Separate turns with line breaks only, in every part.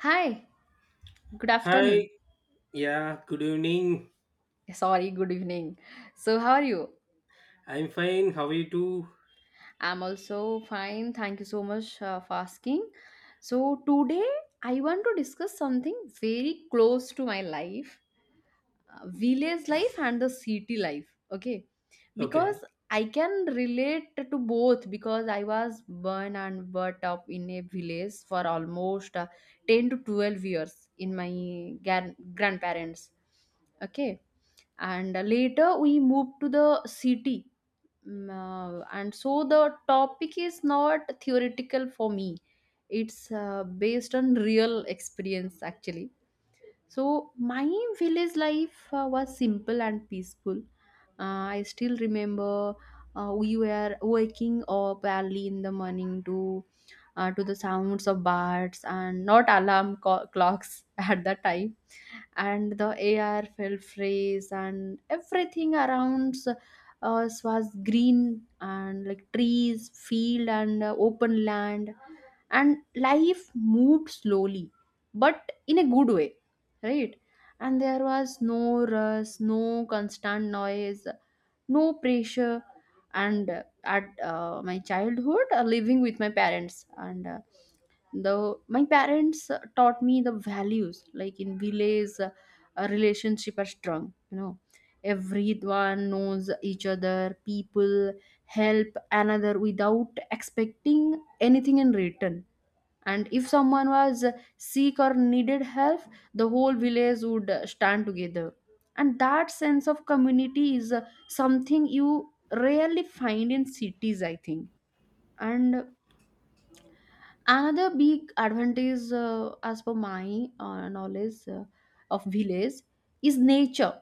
Hi, good
Hi,
afternoon.
yeah, good evening.
Sorry, good evening. So, how are you?
I'm fine. How are you too?
I'm also fine. Thank you so much for asking. So, today I want to discuss something very close to my life, village life and the city life, okay, because
Okay.
I can relate to both because I was born and brought up in a village for almost 10 to 12 years in my grandparents, okay. And later we moved to the city. And so the topic is not theoretical for me, it's based on real experience actually. So my village life was simple and peaceful. I still remember we were waking up early in the morning to the sounds of birds and not alarm clocks at that time, and the air felt fresh and everything around us was green and like trees, field, and open land, and life moved slowly but in a good way, right? And there was no rush, no constant noise, no pressure. And at my childhood, living with my parents and the my parents taught me the values. Like in village a relationship are strong. Everyone knows each other. People help another without expecting anything in return. And if someone was sick or needed help, the whole village would stand together, and that sense of community is something you rarely find in cities I think. And another big advantage, as per my knowledge of village, is nature.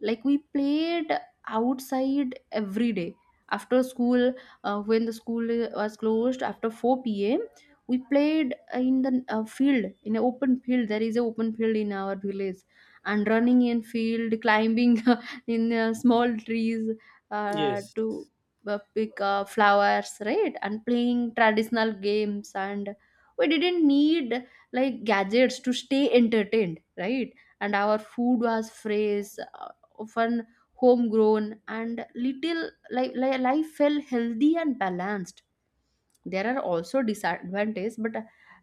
Like we played outside every day after school. When the school was closed after 4 p.m, we played in the field, in an open field. There is an open field in our village, and running in field, climbing in small trees
Yes.
to pick flowers, right? And playing traditional games, and we didn't need like gadgets to stay entertained, right? And our food was fresh, often homegrown and little, life felt healthy and balanced. There are also disadvantages, but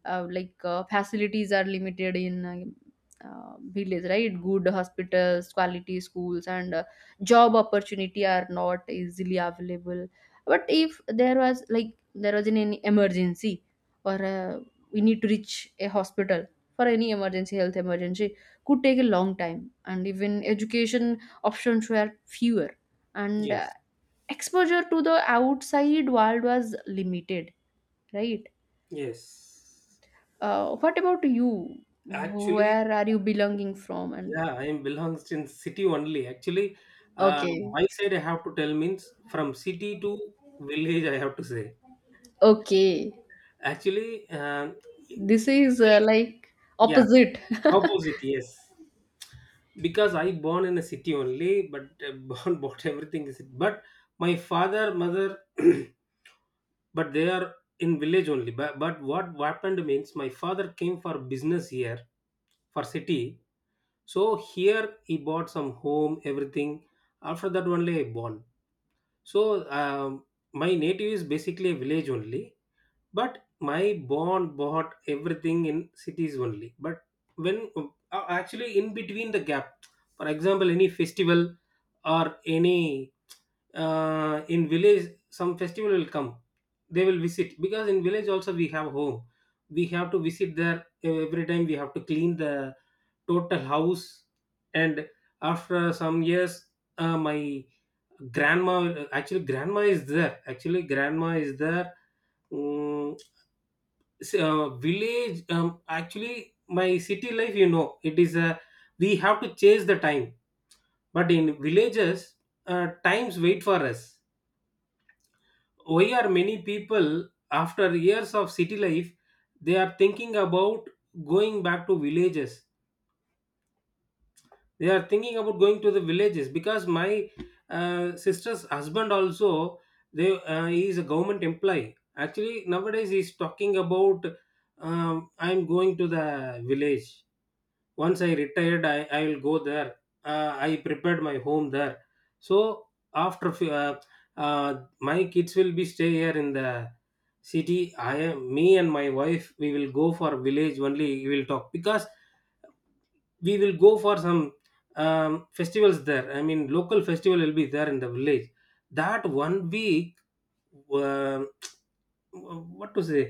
facilities are limited in village, right? Good hospitals, quality schools, and job opportunity are not easily available. But if there was, like there was an any emergency or we need to reach a hospital for any emergency, health emergency, could take a long time. And even education options were fewer, and
Yes.
exposure to the outside world was limited, right?
Yes.
What about you?
Actually,
Where are you belonging from? And
yeah, I am belongs in city only. Actually, uh,
okay,
my side I have to tell means from city to village I have to say.
okay,
Actually,
this is like
yeah,
opposite.
opposite. Yes, because I born in a city only, but born bought everything is but my father mother but they are in village only but what happened means my father came for business here for city, so here he bought some home everything. After that only I born. So, um, my native is basically a village only, but my born bought everything in cities only. But when actually in between the gap, for example any festival, or any, in village some festival will come, they will visit because in village also we have home. We have to visit there every time. We have to clean the total house. And after some years, my grandma, actually grandma is there, actually grandma is there. Mm, village, actually my city life, you know, it is a, we have to chase the time, but in villages, times wait for us. Why are many people after years of city life, they are thinking about going back to villages? They are thinking about going to the villages because my sister's husband also, they he is a government employee. Actually nowadays he's talking about, I'm going to the village. Once I retired, I will go there. Uh, I prepared my home there. So, after uh, my kids will be stay here in the city. I am me and my wife, we will go for village only, we will talk, because we will go for some, festivals there. I mean, local festival will be there in the village, that 1 week. Uh, what to say,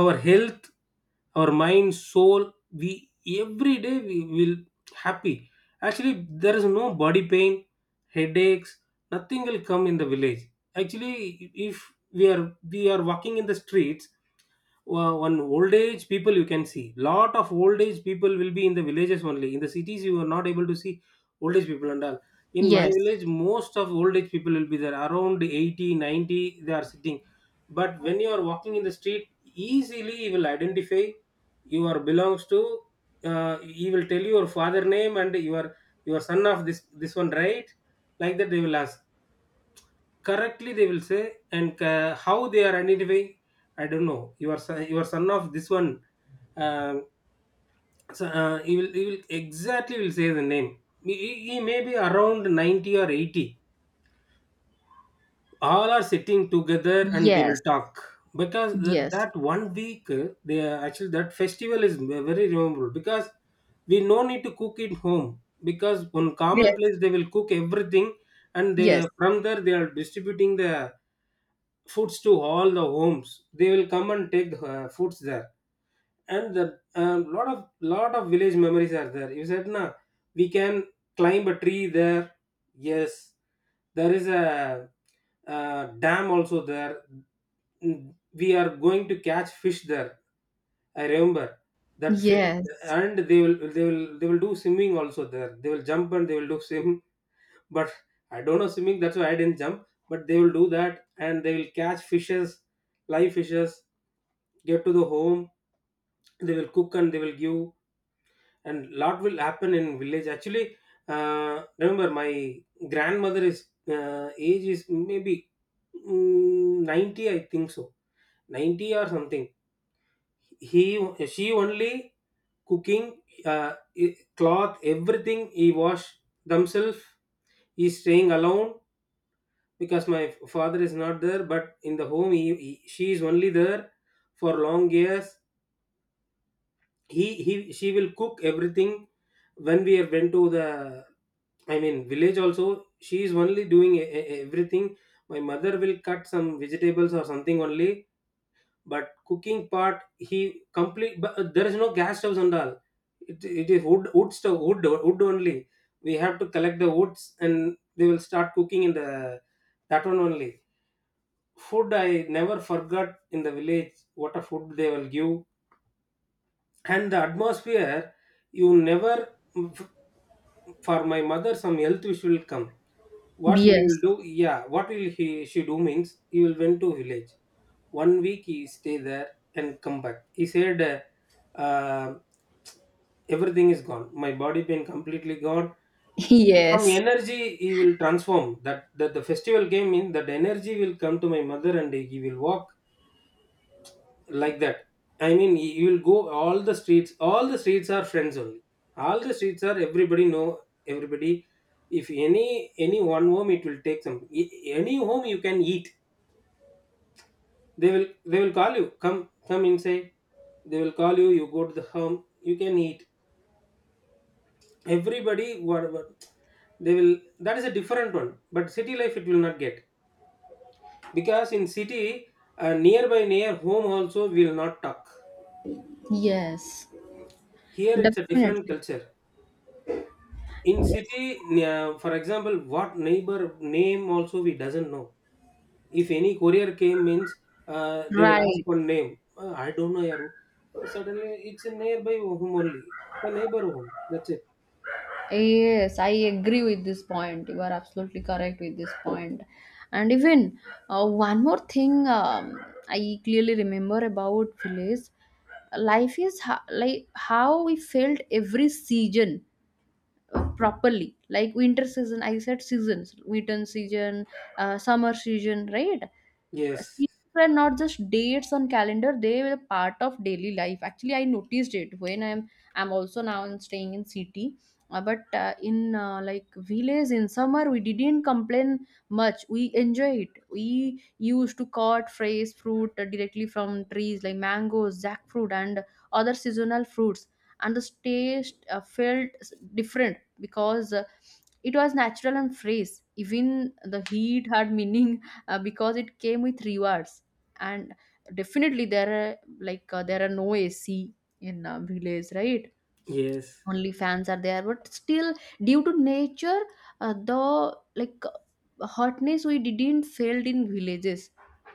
our health, our mind soul, we every day we will happy actually. There is no body pain, headaches, nothing will come in the village actually. If we are, we are walking in the streets, well, one old age people you can see. Lot of old age people will be in the villages only. In the cities you are not able to see old age people and all. In my
Yes,
village most of old age people will be there around 80, 90 they are sitting. But when you are walking in the street, easily you will identify you are belongs to, he will tell you your father name, and you are your son of this one, right? Like that they will ask. Correctly they will say. And how they are identifying, I don't know. Your son, your son of this one. Uh, so, he will exactly will say the name. He may be around 90 or 80. All are sitting together and they will
yes,
talk. Because
yes,
that 1 week, they are, actually that festival is very memorable. Because we no need to cook it home, because on common
yes,
place they will cook everything. And they,
yes,
from there they are distributing the foods to all the homes. They will come and take foods there. And the, lot of village memories are there, you said na. We can climb a tree there. Yes. There is a dam also there. Mm, we are going to catch fish there. I remember that fish.
yes,
And they will, they will do swimming also there. They will jump and they will do swim. But I don't know swimming. That's why I didn't jump. But they will do that, and they will catch fishes, live fishes. Get to the home, they will cook and they will give, and lot will happen in village. Actually, remember my grandmother is age is maybe mm, 90, I think so, 90 or something. He, she only cooking I- cloth everything he wash themselves. He's staying alone because my father is not there. But in the home she is only there for long years. He She will cook everything. When we went to the, I mean village also, she is only doing everything. My mother will cut some vegetables or something only. But cooking part he complete. But there is no gas stoves and all. It is wood stove, wood only. We have to collect the woods, and they will start cooking in the that one only. Food I never forgot in the village, what a food they will give. And the atmosphere, you never. For my mother, some health issue will come, what he will
yes,
do. Yeah, what will he she do means, he will went to village, 1 week he stay there and come back. He said, uh, everything is gone, my body pain completely gone. Some
yes,
energy he will transform. That that the festival came, in that energy will come to my mother and he will walk like that. I mean, you'll go all the streets. All the streets are friends only. All the streets are, everybody know everybody. If any, any one home, it will take some, any home you can eat. They will call you, come come inside. They will call you, you go to the home, you can eat everybody, whatever they will. That is a different one. But city life it will not get, because in city, nearby near home also we will not talk.
yes,
Here it's a different
definitely,
culture. In
yes,
city, yeah, for example, what neighbor name also we doesn't know. If any courier came means, they will ask
right.
for name. I don't know, Yaru. So suddenly it's a nearby home only. The neighbor home. That's it.
Yes, I agree with this point. You are absolutely correct with this point. And even one more thing, I clearly remember about village life is like how we felt every season properly. Like winter season, I said seasons, winter season, summer season, right?
Yes.
Seasons were not just dates on calendar, they were part of daily life actually. I noticed it when I'm also now in staying in city. But in like village, in summer we didn't complain much, we enjoy it. We used to cut fresh fruit directly from trees like mangoes, jackfruit, and other seasonal fruits, and the taste felt different because it was natural and fresh. Even the heat had meaning because it came with rewards. And definitely there are like there are no AC in village, right?
Yes.
Only fans are there, but still due to nature, the like hotness we didn't felt in villages,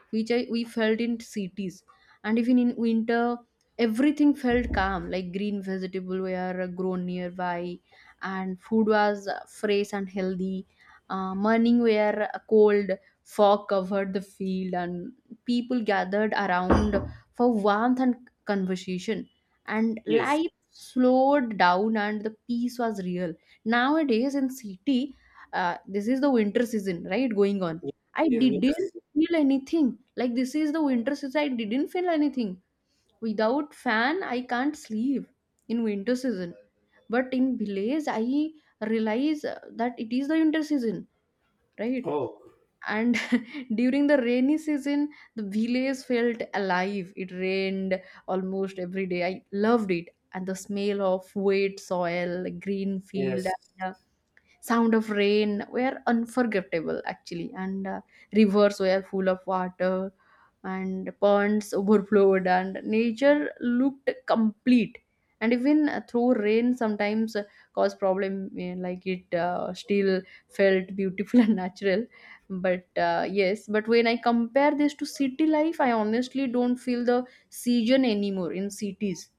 which I, we felt in cities. And even in winter, everything felt calm. Like green vegetable were grown nearby, and food was fresh and healthy. Morning were cold, fog covered the field, and people gathered around for warmth and conversation. And
Yes.
life slowed down, and the peace was real. Nowadays in city, this is the winter season, right, going on. I
Yes, yes. Winter
didn't
season.
feel anything. Like this is the winter season, I didn't feel anything. Without fan I can't sleep in winter season. But in village I realize that it is the winter season, right?
Oh,
And during the rainy season, the village felt alive. It rained almost every day. I loved it. And the smell of wet soil, green field,
yes.
and sound of rain were unforgettable actually. And rivers were full of water, and ponds overflowed, and nature looked complete. And even though rain sometimes cause problem, like it still felt beautiful and natural. But yes, but when I compare this to city life, I honestly don't feel the season anymore in cities.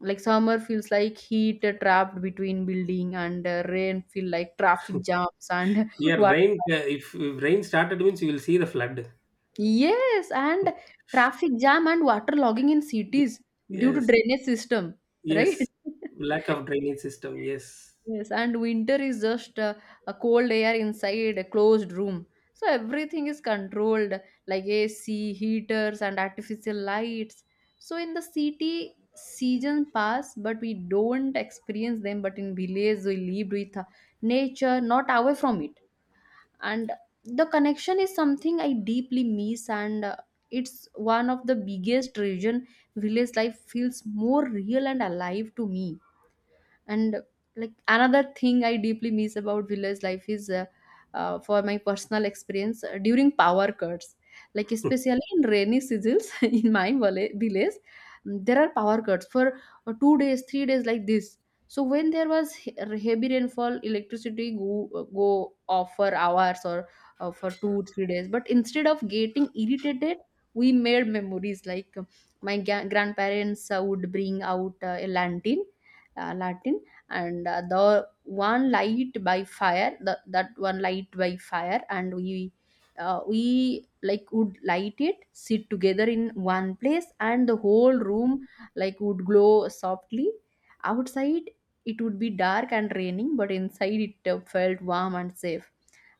Like summer feels like heat trapped between building, and rain feel like traffic jams and
Yeah,
what,
rain. If rain started means, you will see the flood.
yes, and traffic jam and water logging in cities due to
Yes.
drainage system,
Yes.
right?
Lack of drainage system. Yes.
Yes, and winter is just a cold air inside a closed room. So everything is controlled, like AC, heaters, and artificial lights. So in the city, seasons pass, but we don't experience them. But in village, we live with nature, not away from it. And the connection is something I deeply miss, and it's one of the biggest reason village life feels more real and alive to me. And like another thing I deeply miss about village life is for my personal experience during power cuts, like especially in rainy seasons, in my village, there are power cuts for 2 days, 3 days, like this. So when there was heavy rainfall, electricity go off for hours, or for two three days. But instead of getting irritated, we made memories. Like my grandparents would bring out a lantern, Latin, and the one light by fire, that one light by fire, and we like would light it, sit together in one place, and the whole room like would glow softly. Outside it would be dark and raining, but inside it felt warm and safe.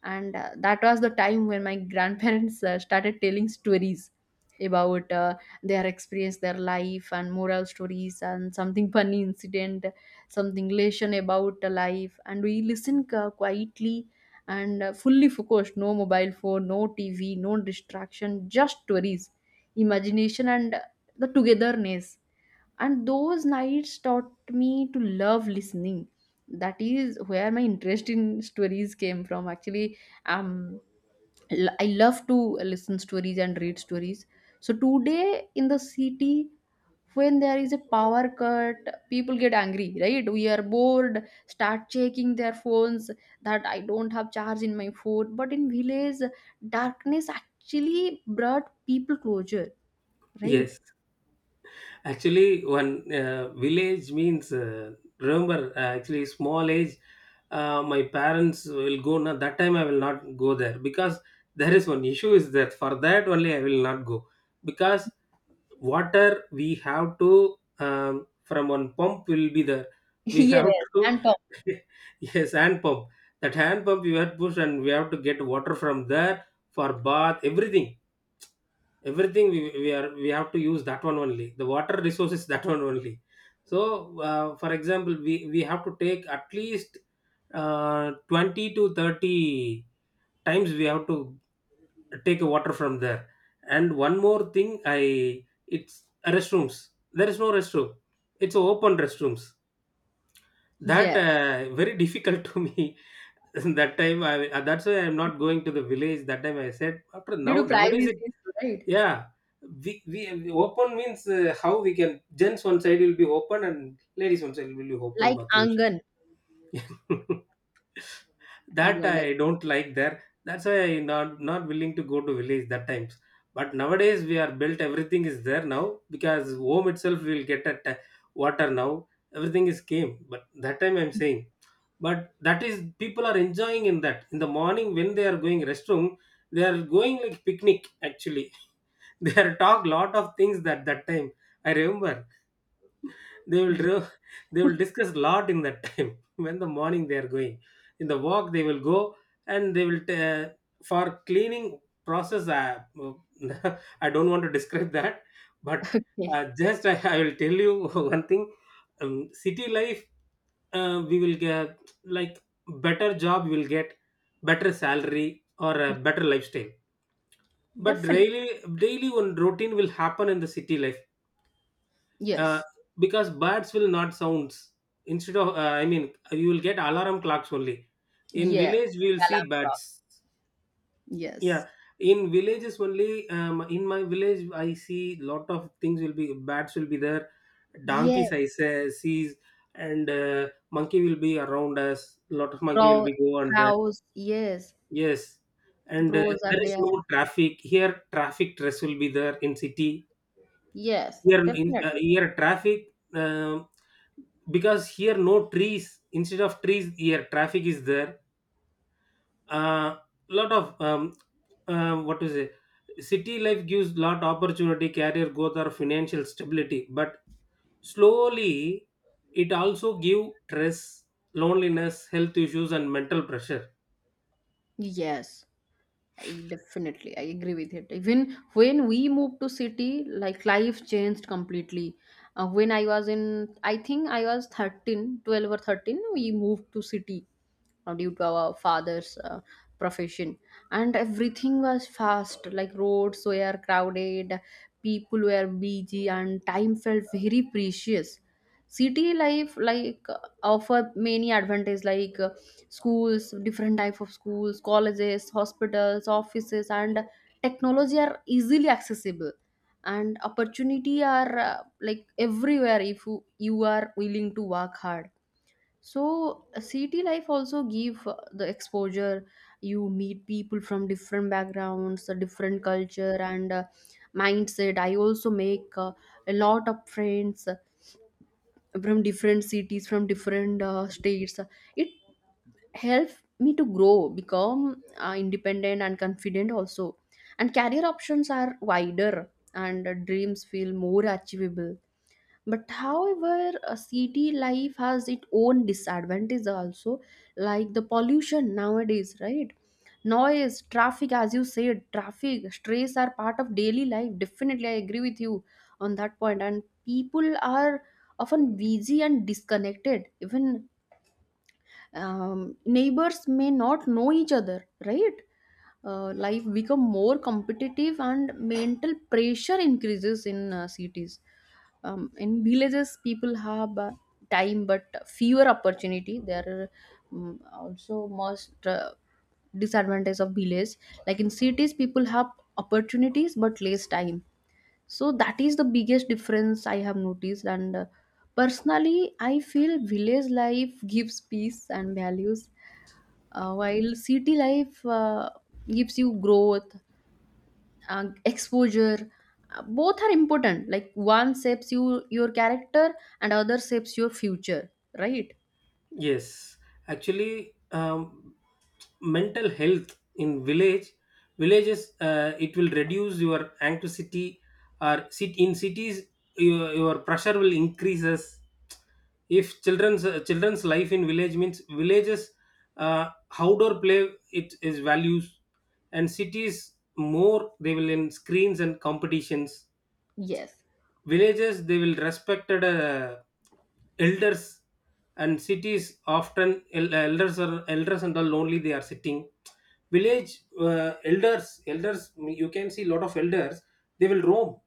And that was the time when my grandparents started telling stories about their experience, their life and moral stories and something funny incident, something lesson about the life, and we listen quietly and fully focused, no mobile phone, no TV, no distraction, just stories, imagination, and the togetherness. And those nights taught me to love listening. That is where my interest in stories came from actually. um I love to listen stories and read stories. So today in the city when there is a power cut, people get angry, right? We are bored, start checking their phones. That I don't have charge in my phone. But in village, darkness actually brought people closure, right?
Yes. Actually, one village means, remember. Actually, small age, my parents will go. Now that time I will not go there, because there is one issue is that, for that only I will not go, because water we have to, from one pump will be there. We
Yes,
have to
and talk.
yes, hand pump. That hand pump you have to push, and we have to get water from there for bath everything. Everything we are we have to use that one only. The water resource is that one only. So for example we have to take at least 20 to 30 times. We have to take a water from there. And one more thing, i- it's restrooms, there is no restroom. It's a open restrooms. That
Yes,
very difficult to me. That time I, that's why I'm not going to the village. That time I said, after
due
now
to
nowadays.
privacy issue, right?
Yeah, we open means, how we can, gents one side will be open and ladies one side will be open
Like
bathrooms.
Angan, I do
That
understand.
I don't like there. That's why I not willing to go to village that times. But nowadays we are built, everything is there now, because home itself will get at water now. Everything is came. But that time I'm saying, but that is people are enjoying in that. In the morning when they are going restroom, they are going like picnic actually. They are talk lot of things that that time, I remember. they will re- they will discuss lot in that time. When the morning they are going, in the walk they will go, and they will for cleaning process I. I don't want to describe that. But
Yeah,
just I will tell you one thing. Um, city life, we will get like better job, we will get better salary, or a better lifestyle. But
definitely.
daily, one routine will happen in the city life. Uh,
Yes.
because birds will not sounds, instead of I mean you will get alarm clocks only. In
Yeah.
village we will see
Alarm clock.
birds.
Yes.
Yeah, in villages only, in my village I see lot of things will be, bats will be there,
Yes.
donkeys, I say sees, and monkey will be around us. Lot of monkey will
Crow,
be go on there.
crows. Yes.
Yes. And
Crows are
there is
there.
no traffic here, traffic stress will be there in city.
Yes.
Here in
Definitely.
here traffic, um, because here no trees. Instead of trees here traffic is there. Uh, lot of what to say, city life gives lot opportunity, career growth or financial stability, but slowly it also give stress, loneliness, health issues and mental pressure.
Yes. I definitely I agree with it. Even when we moved to city, like life changed completely. When I was in, I think I was 13, 12, or 13, we moved to city due to our father's profession, and everything was fast. Like roads were crowded, people were busy, and time felt very precious. City life like offer many advantages like. Schools, different type of schools, colleges, hospitals, offices, and technology are easily accessible. And opportunity are like everywhere if you, you are willing to work hard. So city life also give the exposure. You meet people from different backgrounds, different culture and mindset. I also make a lot of friends from different cities, from different states. It help me to grow, become independent and confident also. And career options are wider, and dreams feel more achievable. But however, a city life has its own disadvantages also, like the pollution nowadays, right? Noise, traffic, as you said, traffic stress are part of daily life. Definitely I agree with you on that point. And people are often busy and disconnected, even neighbors may not know each other, right? Life become more competitive and mental pressure increases in cities. In villages people have time but fewer opportunity there are. Also most disadvantage of village, like in cities people have opportunities but less time. So that is the biggest difference I have noticed, and personally I feel village life gives peace and values, while city life gives you growth, uh, exposure. Both are important. Like one shapes you, your character, and other shapes your future, right?
Yes, actually, mental health in village, villages it will reduce your anxiety. Or sit in cities, your pressure will increases. If children's life in village means villages, uh, outdoor play it is values. And cities more they will in screens and competitions.
Yes,
Villages they will respected elders. And cities often elders are elders and all only, they are sitting. Village elders you can see lot of elders. they will roam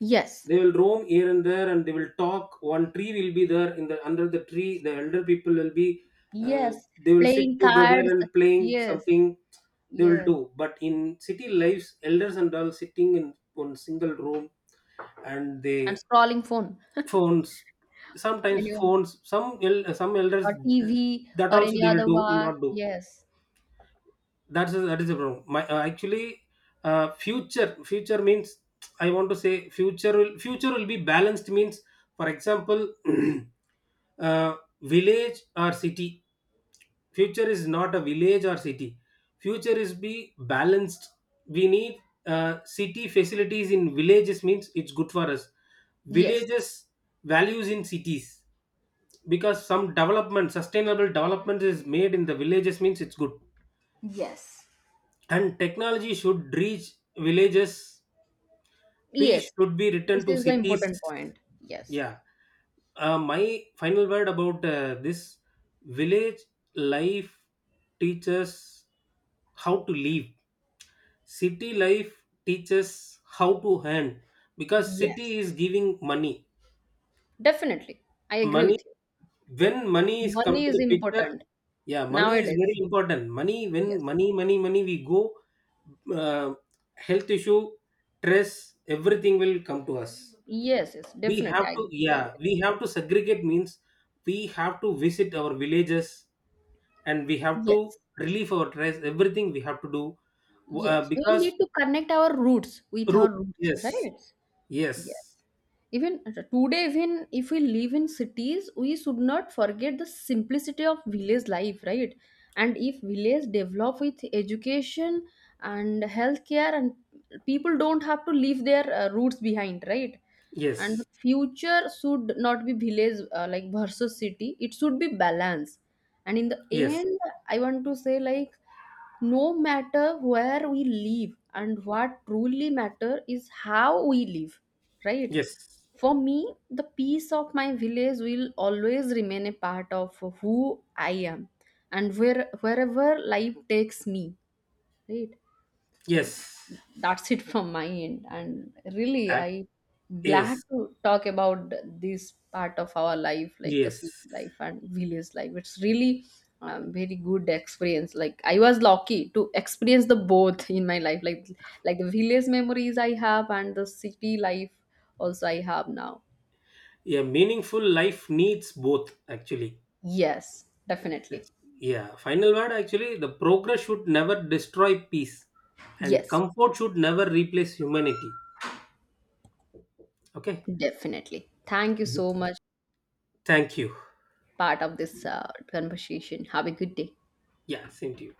yes,
they will roam here and there, and they will talk. One tree will be there, in the under the tree the elder people will be, uh,
yes,
they will sit
playing
together
cards,
and playing
yes,
something. They will
yes,
do. But in city lives, elders and all sitting in one single room. And
and
they
scrolling phone,
phones.
you
Sometimes
know,
phones, some some elders
or TV,
that
or
also
any
they will
other
do
work,
not do.
yes.
That's a, that is the problem. My actually future means, I want to say future will, future will be balanced means. For example, uh, village or city, future is not a village or city, future is be balanced. We need city facilities in villages means, it's good for us.
Yes.
Villages values in cities, because some development, sustainable development is made in the villages means, it's good.
Yes.
And technology should reach villages. Peace
Yes.
should be
This
returned to
is the
cities.
important point. Yes.
Yeah, my final word about this. Village life teaches how to live. City life teaches how to earn. Because
Yes,
city is giving money.
definitely. I agree
Money,
with you.
when money is come
Money
to
is
the picture,
important
yeah, money is very
nowadays.
important. Money, when
Yes.
money we go uh, health issue, stress, everything will come to us.
Yes, yes,
We
definitely.
have
I
to,
do agree.
yeah, we have to segregate means, we have to visit our villages, and we have to
Yes.
relieve our stress, everything we have to do. Uh,
Yes. We
because
need to connect our roots with
root.
our roots,
Yes.
right? Yes.
Yes.
Even today, even if we live in cities, we should not forget the simplicity of village life, right? And if village develop with education and healthcare, and people don't have to leave their roots behind, right? And
Yes.
the future should not be village like versus city. It should be balance. And in the
Yes.
end, I want to say like no matter where we live, and what truly matter is how we live, right?
Yes.
For me, the peace of my village will always remain a part of who I am, and where wherever life takes me, right? So
Yes.
that's it from my end, and really
Act.
I glad
Yes.
to talk about this part of our life, like the city
Yes.
life and village life. It's really very good experience. Like I was lucky to experience the both in my life, like the village memories I have, and the city life also I have now.
A meaningful life needs both actually.
Yes, definitely.
It's- yeah, final word actually, the progress should never destroy peace, and
Yes,
comfort should never replace humanity. Okay.
definitely, thank you
Mhm.
so much
Thank you.
part of this conversation. Have a good day.
Yeah, same to you.